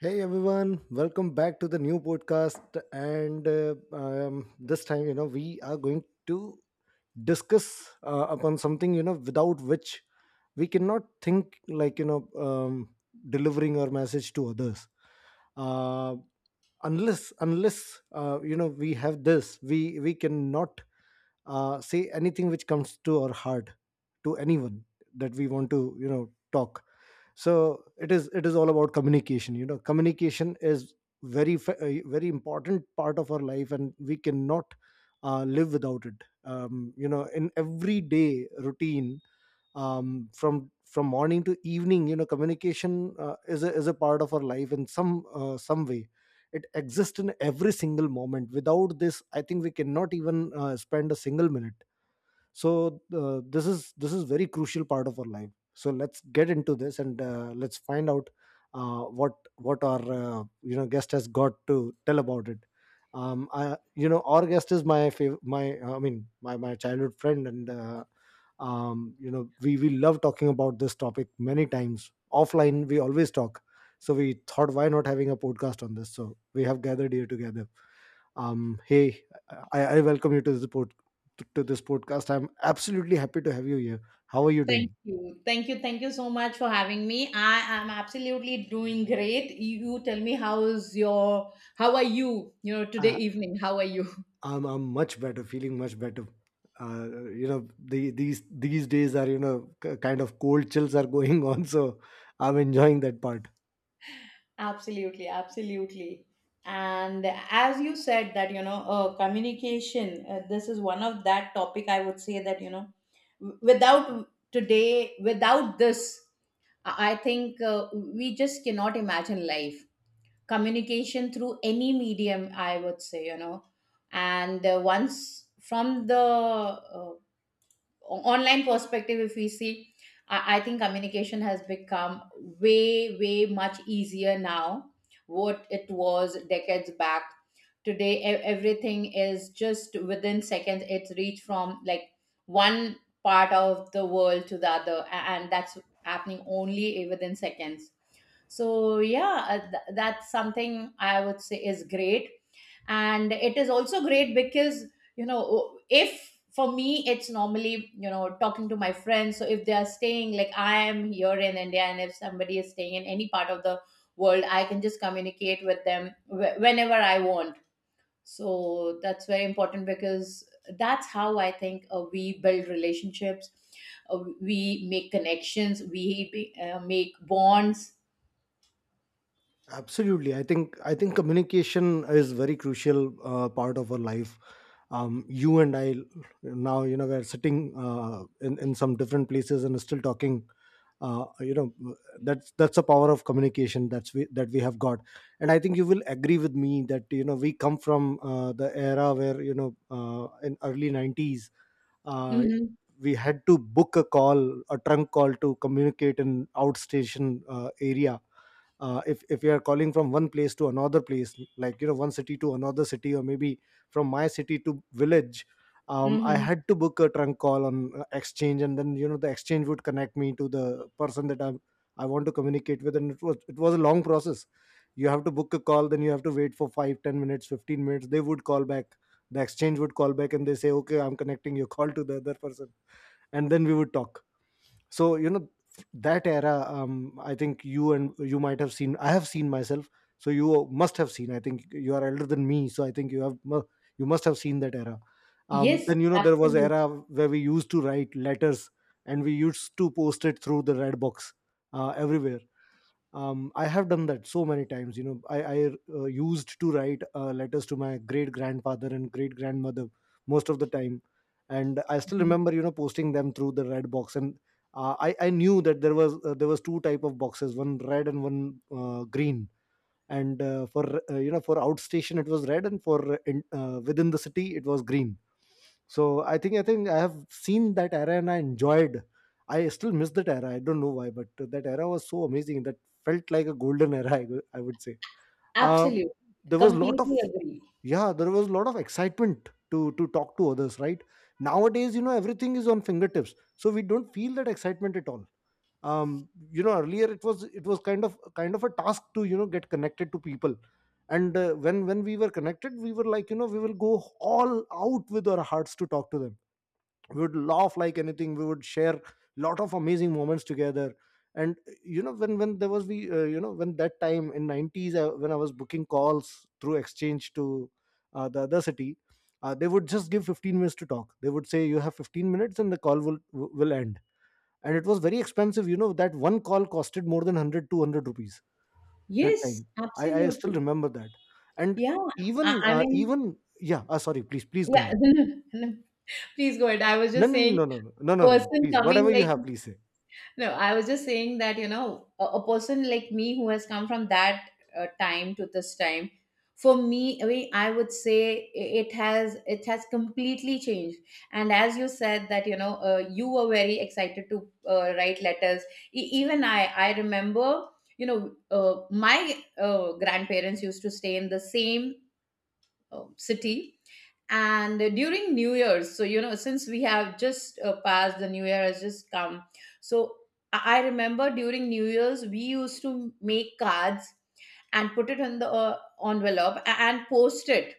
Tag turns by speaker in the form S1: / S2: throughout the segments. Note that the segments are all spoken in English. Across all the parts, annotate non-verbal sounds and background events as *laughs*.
S1: Hey everyone, welcome back to the new podcast. And This time, we are going to discuss upon something, you know, without which we cannot think like, delivering our message to others. Uh, unless, you know, we have this, we cannot say anything which comes to our heart to anyone that we want to, talk. So it is all about communication. You know, communication is a very important part of our life, and we cannot live without it, you know, in everyday routine, from morning to evening. You know, communication is a part of our life in some way. It exists in every single moment. Without this, I think we cannot even spend a single minute. So this is very crucial part of our life, so let's get into this, and let's find out what our guest has got to tell about it. I you know Our guest is my fav- my I mean my my childhood friend, and you know, we love talking about this topic. Many times offline we always talk, so we thought why not having a podcast on this, so we have gathered here together. Hey, I welcome you to to this podcast. I'm absolutely happy to have you here. How are you
S2: Thank
S1: doing?
S2: you. Thank you. Thank you so much for having me. I am absolutely doing great. You tell me, how is your how are you, you know, today
S1: I,
S2: evening? How are you?
S1: I'm much better, feeling much better. You know, these days are, you know, kind of cold chills are *laughs* going on, so I'm enjoying that part.
S2: *laughs* Absolutely, absolutely. And as you said, that, communication, this is one of that topic I would say that, without today, without this, I think we just cannot imagine life. Communication through any medium, I would say. And once from the online perspective, if we see, I think communication has become way much easier now what it was decades back. Today, everything is just within seconds. It's reached from like one part of the world to the other, and that's happening only within seconds. So yeah, that's something I would say is great. And it is also great because, if for me, it's normally, talking to my friends. So if they are staying, like, I am here in India, and if somebody is staying in any part of the world, I can just communicate with them whenever I want. So that's very important because that's how I think we build relationships. We make connections, we make bonds.
S1: Absolutely, I think communication is very crucial part of our life. You and I now, you know, we're sitting in some different places and still talking. You know, that's the power of communication, that we have got. And I think you will agree with me that you know we come from the era where you know in early nineties. Uh,
S2: Hmm.
S1: we had to book a call, a trunk call, to communicate in outstation area. If you are calling from one place to another place, like you know, one city to another city, or maybe from my city to village, I
S2: Hmm.
S1: had to book a trunk call on exchange, and then you know the exchange would connect me to the person that I want to communicate with. And it was a long process. You have to book a call, then you have to wait for 5, 10 minutes, 15 minutes. They would call back. The exchange would call back and they say, okay, I'm connecting your call to the other person, and then we would talk. So you know, that era, I think you, and you might have seen, I have seen myself, so you must have seen. I think you are elder than me, so I think you must have seen that era.
S2: Yes,
S1: Then you know, there was
S2: absolutely.
S1: era where we used to write letters, and we used to post it through the red box everywhere. I have done that so many times. You know, I used to write letters to my great grandfather and great grandmother most of the time, and I still remember, you know, posting them through the red box. And I knew that there was two type of boxes, one red and one green. And for You know, for outstation it was red, and for within the city it was green. So I think I have seen that era, and I enjoyed. I still miss that era. I don't know why, but that era was so amazing that felt like a golden era, I would say.
S2: Absolutely.
S1: um, there was lot of,
S2: Completely agree.
S1: yeah, there was a lot of excitement to talk to others, right? Nowadays, you know, everything is on fingertips, so we don't feel that excitement at all. You know, earlier it was kind of a task to, you know, get connected to people. And when we were connected, we were like, you know, we will go all out with our hearts to talk to them. We would laugh like anything. We would share lot of amazing moments together. And you know, when there was we you know, when that time in 90s, when I was booking calls through exchange to the other city, they would just give 15 minutes to talk. They would say you have 15 minutes and the call will end. And it was very expensive. You know, that one call costed more than 100, 200 rupees that
S2: Yes,
S1: time. I still
S2: absolutely.
S1: remember that. And
S2: Yeah. I, I mean,
S1: even, yeah, sorry, please go
S2: yeah.
S1: on.
S2: *laughs* Please go ahead. I was
S1: No
S2: just
S1: no no
S2: saying,
S1: no no, no no no no,
S2: person
S1: please,
S2: coming
S1: whatever you
S2: like
S1: have, please say.
S2: no, I was just saying that, a person like me who has come from that time to this time, for me, I mean, I would say it has completely changed. And as you said, that, you were very excited to write letters. Even I remember, my grandparents used to stay in the same city. And during New Year's, so since we have just passed, the New Year has just come. So I remember during New Year's, we used to make cards and put it in the envelope and post it.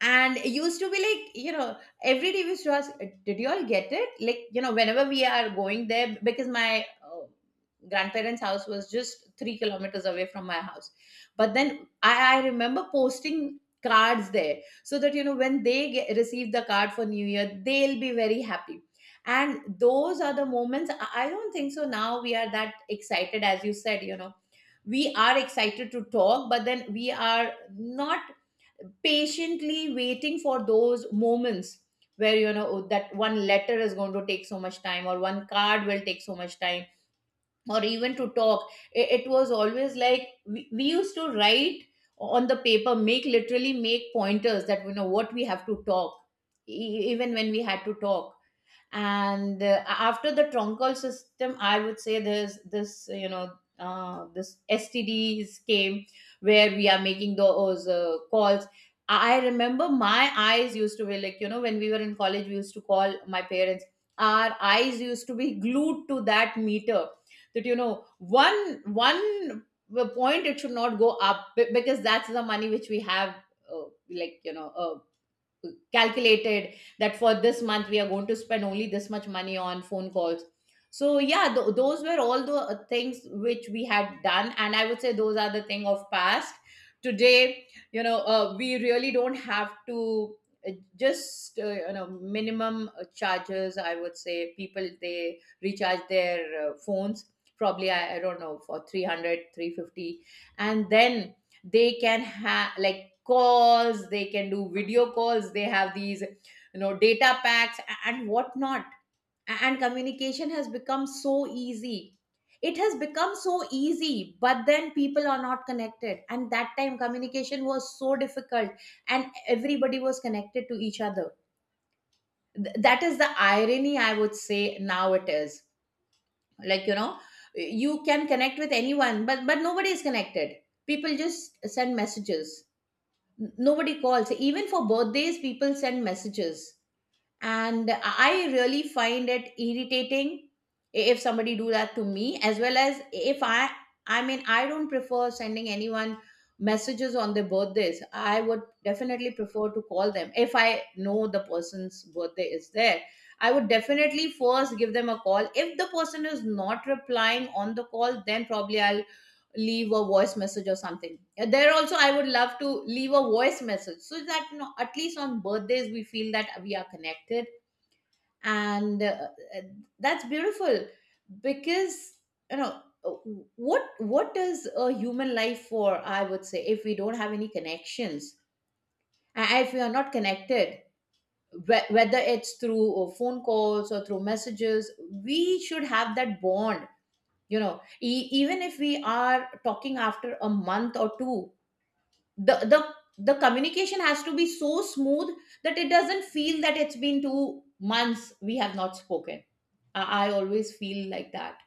S2: And it used to be like, every day we used to ask, did you all get it, like, whenever we are going there, because my grandparents' house was just 3 kilometers away from my house. But then I remember posting cards there, so that when they receive the card for new year, they'll be very happy. And those are the moments. I don't think so now we are that excited. As you said, we are excited to talk, but then we are not patiently waiting for those moments where, oh, that one letter is going to take so much time, or one card will take so much time. Or even to talk, it was always like, we used to write on the paper, make literally make pointers that, what we have to talk, even when we had to talk. And after the troncal system, I would say there's this, this STDs came, where we are making those calls. I remember my eyes used to be like, when we were in college, we used to call my parents, our eyes used to be glued to that meter, that one point it should not go up, because that's the money which we have uh, like, calculated that for this month, we are going to spend only this much money on phone calls. So yeah, those were all the things which we had done, and I would say those are the thing of past. Today, we really don't have to, uh, just, minimum charges, I would say people, they recharge their phones, probably, I don't know, for three hundred three fifty, and then they can have like calls, they can do video calls, they have these, data packs and whatnot. And communication has become so easy. It has become so easy. But then people are not connected, and that time communication was so difficult, and everybody was connected to each other. That is the irony, I would say. Now it is, like, you can connect with anyone, but nobody is connected. People just send messages. Nobody calls. Even for birthdays, people send messages. And I really find it irritating if somebody do that to me. As well as, if I mean, I don't prefer sending anyone messages on their birthdays. I would definitely prefer to call them. If I know the person's birthday is there, I would definitely first give them a call. If the person is not replying on the call, then probably I'll leave a voice message or something. There also, I would love to leave a voice message, so that at least on birthdays, we feel that we are connected. And uh, that's beautiful, because, you know uh, what is a human life for, I would say, if we don't have any connections, and if we are not connected, whether it's through phone calls or through messages. We should have that bond, even if we are talking after a month or two, the the the communication has to be so smooth that it doesn't feel that it's been 2 months we have not spoken. I always feel like that.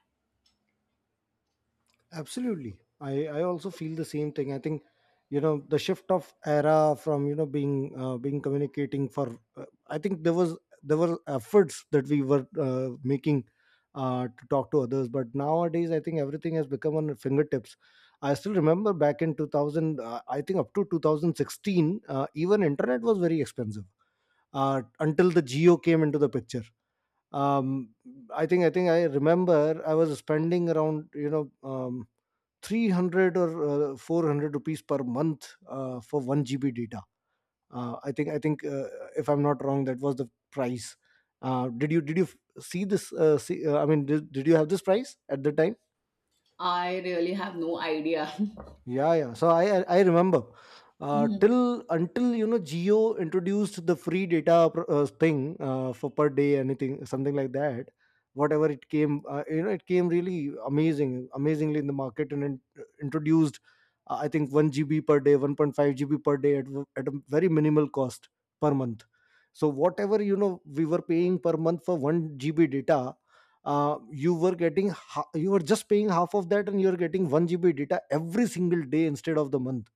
S1: Absolutely. I also feel the same thing. I think, you know, the shift of era from, you know, being communicating for, I think there was, there were efforts that we were making to talk to others. But nowadays, I think everything has become on our fingertips. I still remember back in 2000, I think up to 2016, even internet was very expensive until the geo came into the picture. Um, I think I remember I was spending around, 300 or 400 rupees per month for 1 GB data. I think If I'm not wrong, that was the price. Did you see this? I mean, did you have this price at the time?
S2: I really have no idea. *laughs*
S1: Yeah, yeah. So I remember
S2: Mhm.
S1: till until, you know, Geo introduced the free data thing for per day, anything, something like that. Whatever it came, you know, it came really amazingly in the market, introduced. I think one GB per day, 1.5 GB per day, at a very minimal cost per month. So whatever, you know, we were paying per month for one GB data, you were just paying half of that, and you're getting 1 GB data every single day instead of the month.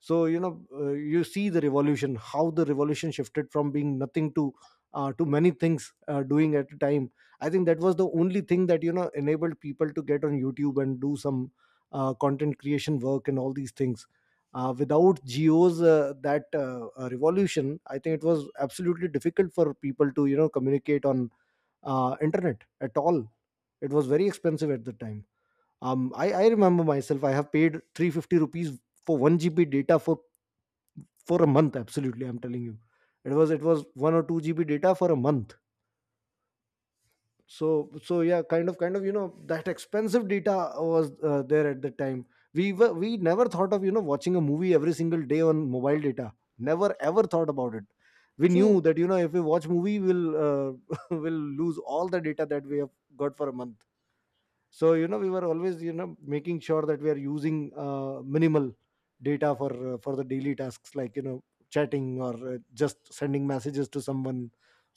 S1: So you know, you see the revolution, how the revolution shifted from being nothing to to many things doing at a time. I think that was the only thing that, you know, enabled people to get on youtube and do some content creation work and all these things. Without geos, that revolution, I think it was absolutely difficult for people to, you know, communicate on internet at all. It was very expensive at the time. I remember myself, I have paid 350 rupees for 1 GB data for a month. Absolutely, I'm telling you. It was 1 or 2 GB data for a month. So yeah, kind of you know that expensive data was there at the time. We never thought of, you know, watching a movie every single day on mobile data. Never ever thought about it. We knew
S2: True.
S1: that, you know, if we watch movie, we'll *laughs* we'll lose all the data that we have got for a month. So you know, we were always, you know, making sure that we are using minimal data for the daily tasks, like you know, chatting or just sending messages to someone,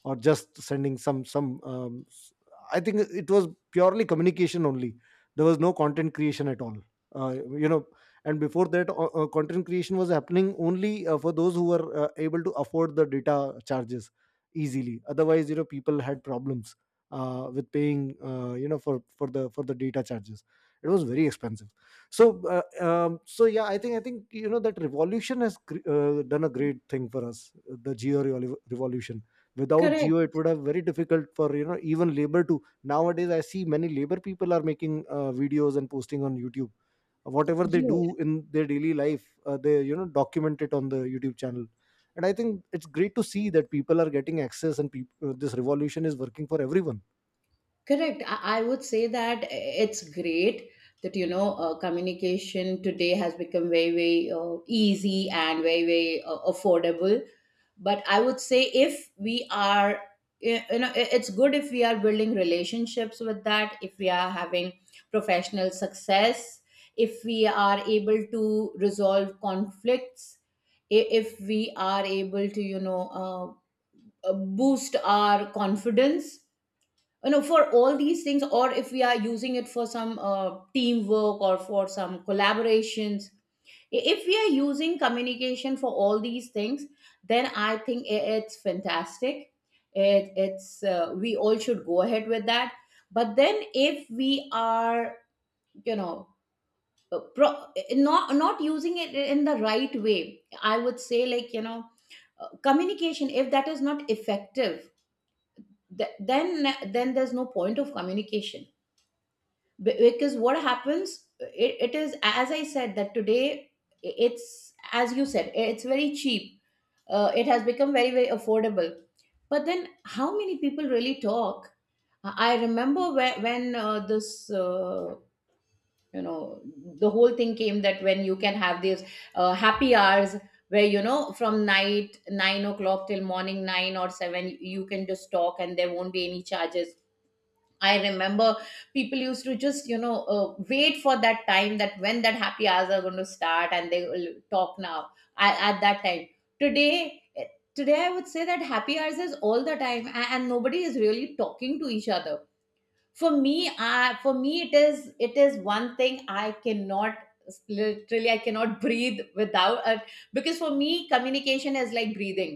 S1: or just sending I think it was purely communication only. There was no content creation at all. uh, you know, and before that, content creation was happening only for those who were able to afford the data charges easily. Otherwise, you know, people had problems with paying, you know, for the data charges. It was very expensive. So so yeah, I think you know that revolution has done a great thing for us, the revolution. Without
S2: Correct.
S1: geo, it would have very difficult for, you know, even labor to, nowadays I see many labor people are making videos and posting on youtube. Whatever they
S2: Yes.
S1: do in their daily life, they, you know, document it on the youtube channel. And I think it's great to see that people are getting access, and this revolution is working for everyone.
S2: Correct. I would say that, it's great that, communication today has become very very easy, and very very affordable. But I would say, if we are, it's good if we are building relationships with that, if we are having professional success, if we are able to resolve conflicts, if we are able to, uh, boost our confidence, for all these things, or if we are using it for some teamwork or for some collaborations, if we are using communication for all these things, then I think it's fantastic. It, it's We all should go ahead with that. But then if we are, you know uh, pro- not using it in the right way, I would say like, communication, if that is not effective, th- then then there's no point of communication. Because what happens, it is, as I said, that today, it's, as you said, it's very cheap, it has become very very affordable. But then how many people really talk? I remember when this, you know the whole thing came, that when you can have these happy hours, where, from night 9 o'clock till morning 9 or 7, you can just talk and there won't be any charges. I remember people used to just, wait for that time, that when that happy hours are going to start, and they will talk now, at that time. Today, eh, today, I would say that happy hours is all the time, and nobody is really talking to each other. For me, it is one thing I cannot, literally I cannot *laughs* breathe without it. Because for me, communication is like breathing.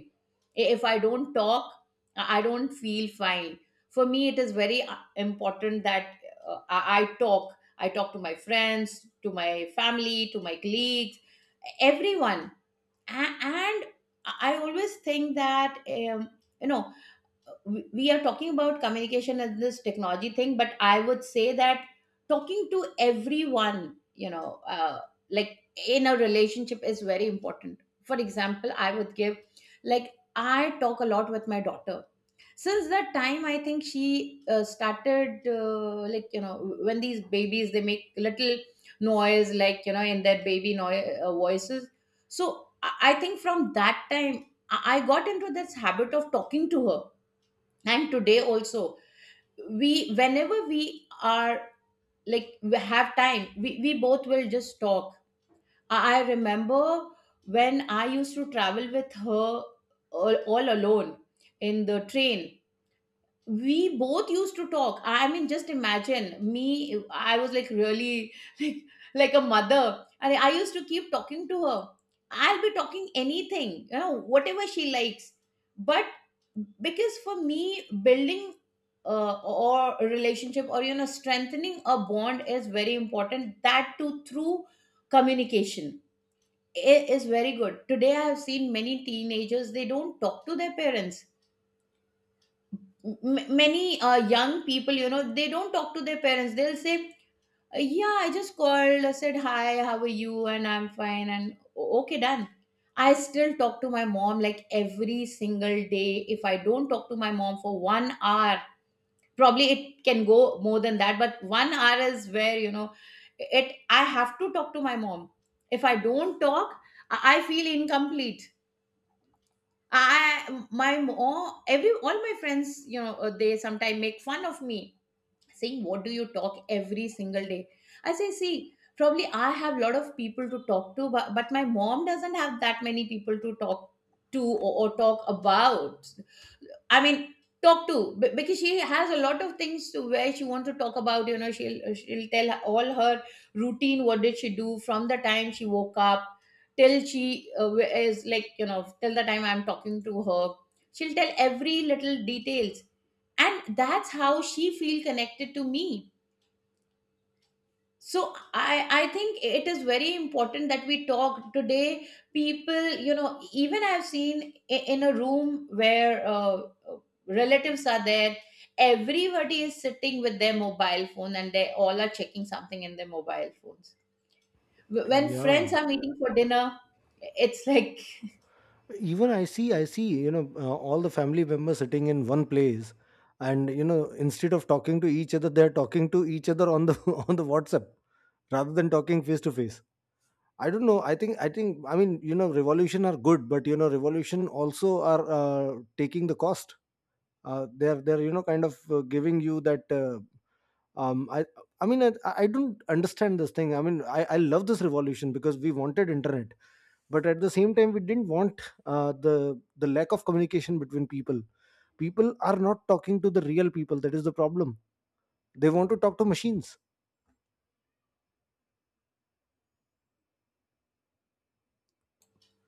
S2: If I don't talk, I don't feel fine. For me, it is very important that, uh, i I talk I talk to my friends, to my family, to my colleagues, everyone. And I always think that, you know we are talking about communication as this technology thing, but I would say that talking to everyone, you know uh, like, in a relationship, is very important. For example, I would give, like, I talk a lot with my daughter. Since that time, I think she started, like, when these babies, they make little noise, like, in their baby voices. So I think from that time, I got into this habit of talking to her. And today also, we whenever we are, like, we have time, we both will just talk. I remember when I used to travel with her, all alone in the train, we both used to talk. I mean, just imagine me, I was like, really, *laughs* like like a mother, and I used to keep talking to her. I'll be talking anything, whatever she likes. But because for me, building or a relationship, or, strengthening a bond, is very important, that too through communication. Is very good. Today I have seen many teenagers, they don't talk to their parents. Many young people, they don't talk to their parents. They'll say, yeah, I just called, I said hi, how are you, and I'm fine and okay, done." I still talk to my mom like every single day. If I don't talk to my mom for 1 hour, probably it can go more than that, but 1 hour is where, it, I have to talk to my mom. If I don't talk, I feel incomplete. I, my mom, every, all my friends, they sometimes make fun of me, saying, "What do you talk every single day?" I say, see, probably I have a lot of people to talk to, but my mom doesn't have that many people to talk to, or talk about. I mean, talk to because she has a lot of things to where she wants to talk about. You know, she'll tell all her routine. What did she do from the time she woke up till she is like, you know, till the time I'm talking to her. She'll tell every little details, and that's how she feel connected to me. So I think it is very important that we talk. Today people, even I've seen, in a room where, relatives are there, everybody is sitting with their mobile phone and they all are checking something in their mobile phones. When
S1: Yeah,
S2: friends are meeting for dinner, it's like *laughs*
S1: even I see, you know, all the family members sitting in one place, and you know, instead of talking to each other, they're talking to each other on the *laughs* on the WhatsApp, rather than talking face to face. I don't know. I mean, you know, revolution are good, but you know, revolution also are taking the cost. They're you know kind of giving you that. Um, I I mean, I don't understand this thing. I mean, I love this revolution, because we wanted internet, but at the same time we didn't want the lack of communication between people. People are not talking to the real people. That is the problem. They want to talk to machines.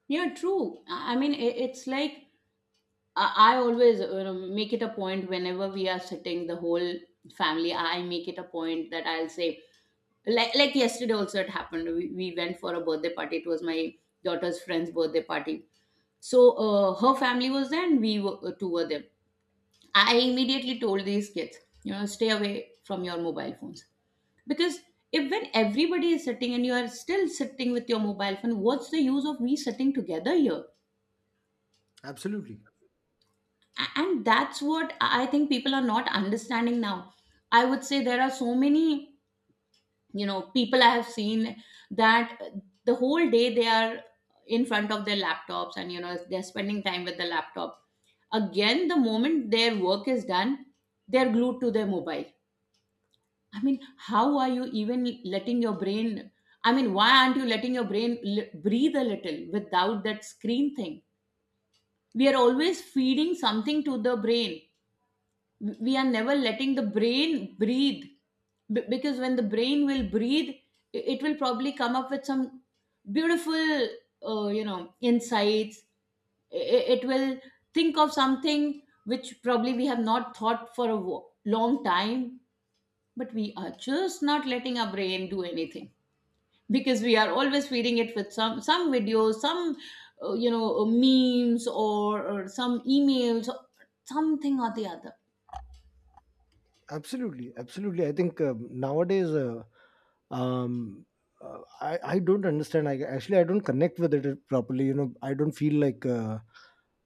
S2: Yeah, true. I mean, it's like I always, you know, make it a point, whenever we are sitting, the whole family, I make it a point that I'll say, like yesterday also it happened, we went for a birthday party. It was my daughter's friend's birthday party. So her family was there and we were, two were there. I immediately told these kids, you know, stay away from your mobile phones, because if, when everybody is sitting and you are still sitting with your mobile phone, what's the use of we sitting together here?
S1: Absolutely.
S2: And that's what I think people are not understanding now. I would say there are so many, you know, people I have seen that the whole day they are in front of their laptops, and you know, they're spending time with the laptop. Again, the moment their work is done, they're glued to their mobile. I mean, how are you even letting your brain, I mean, why aren't you letting your brain breathe a little without that screen thing? We are always feeding something to the brain, we are never letting the brain breathe. Because when the brain will breathe, it will probably come up with some beautiful, you know, insights. It will think of something which probably we have not thought for a long time, but we are just not letting our brain do anything, because we are always feeding it with some videos, some, you know, memes, or some emails, something or the other.
S1: Absolutely, absolutely. I think, nowadays, um, I don't understand. I actually I don't connect with it properly. You know, I don't feel like.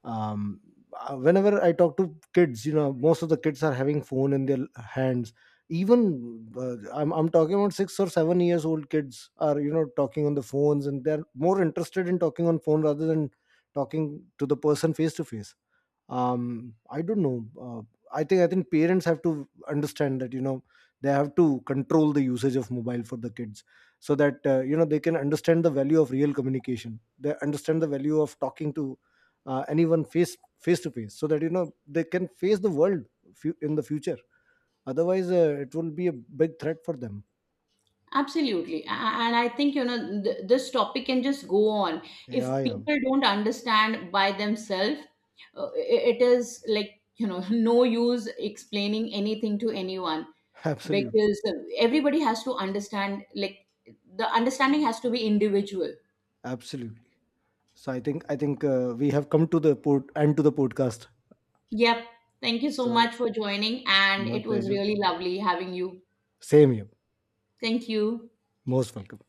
S1: um, Whenever I talk to kids, you know, most of the kids are having phone in their hands. Even I'm talking about 6 or 7 years old kids are, you know, talking on the phones, and they're more interested in talking on phone rather than talking to the person face to face. I don't know. I think parents have to understand that, you know, they have to control the usage of mobile for the kids, so that you know, they can understand the value of real communication, they understand the value of talking to anyone face to face, so that you know they can face the world, in the future. Otherwise, it will be a big threat for them.
S2: Absolutely. And I think, you know, th this topic can just go on. If
S1: Yeah, yeah.
S2: people don't understand by themselves, it is like, you know, *laughs* no use explaining anything to anyone,
S1: *laughs* Absolutely,
S2: because everybody has to understand, like, the understanding has to be individual.
S1: absolutely. So I think we have come to the port end to the podcast.
S2: Yep. Thank you so
S1: So
S2: much for joining, and
S1: my
S2: it was
S1: pleasure.
S2: really lovely having you.
S1: Same here.
S2: Thank you.
S1: Most welcome.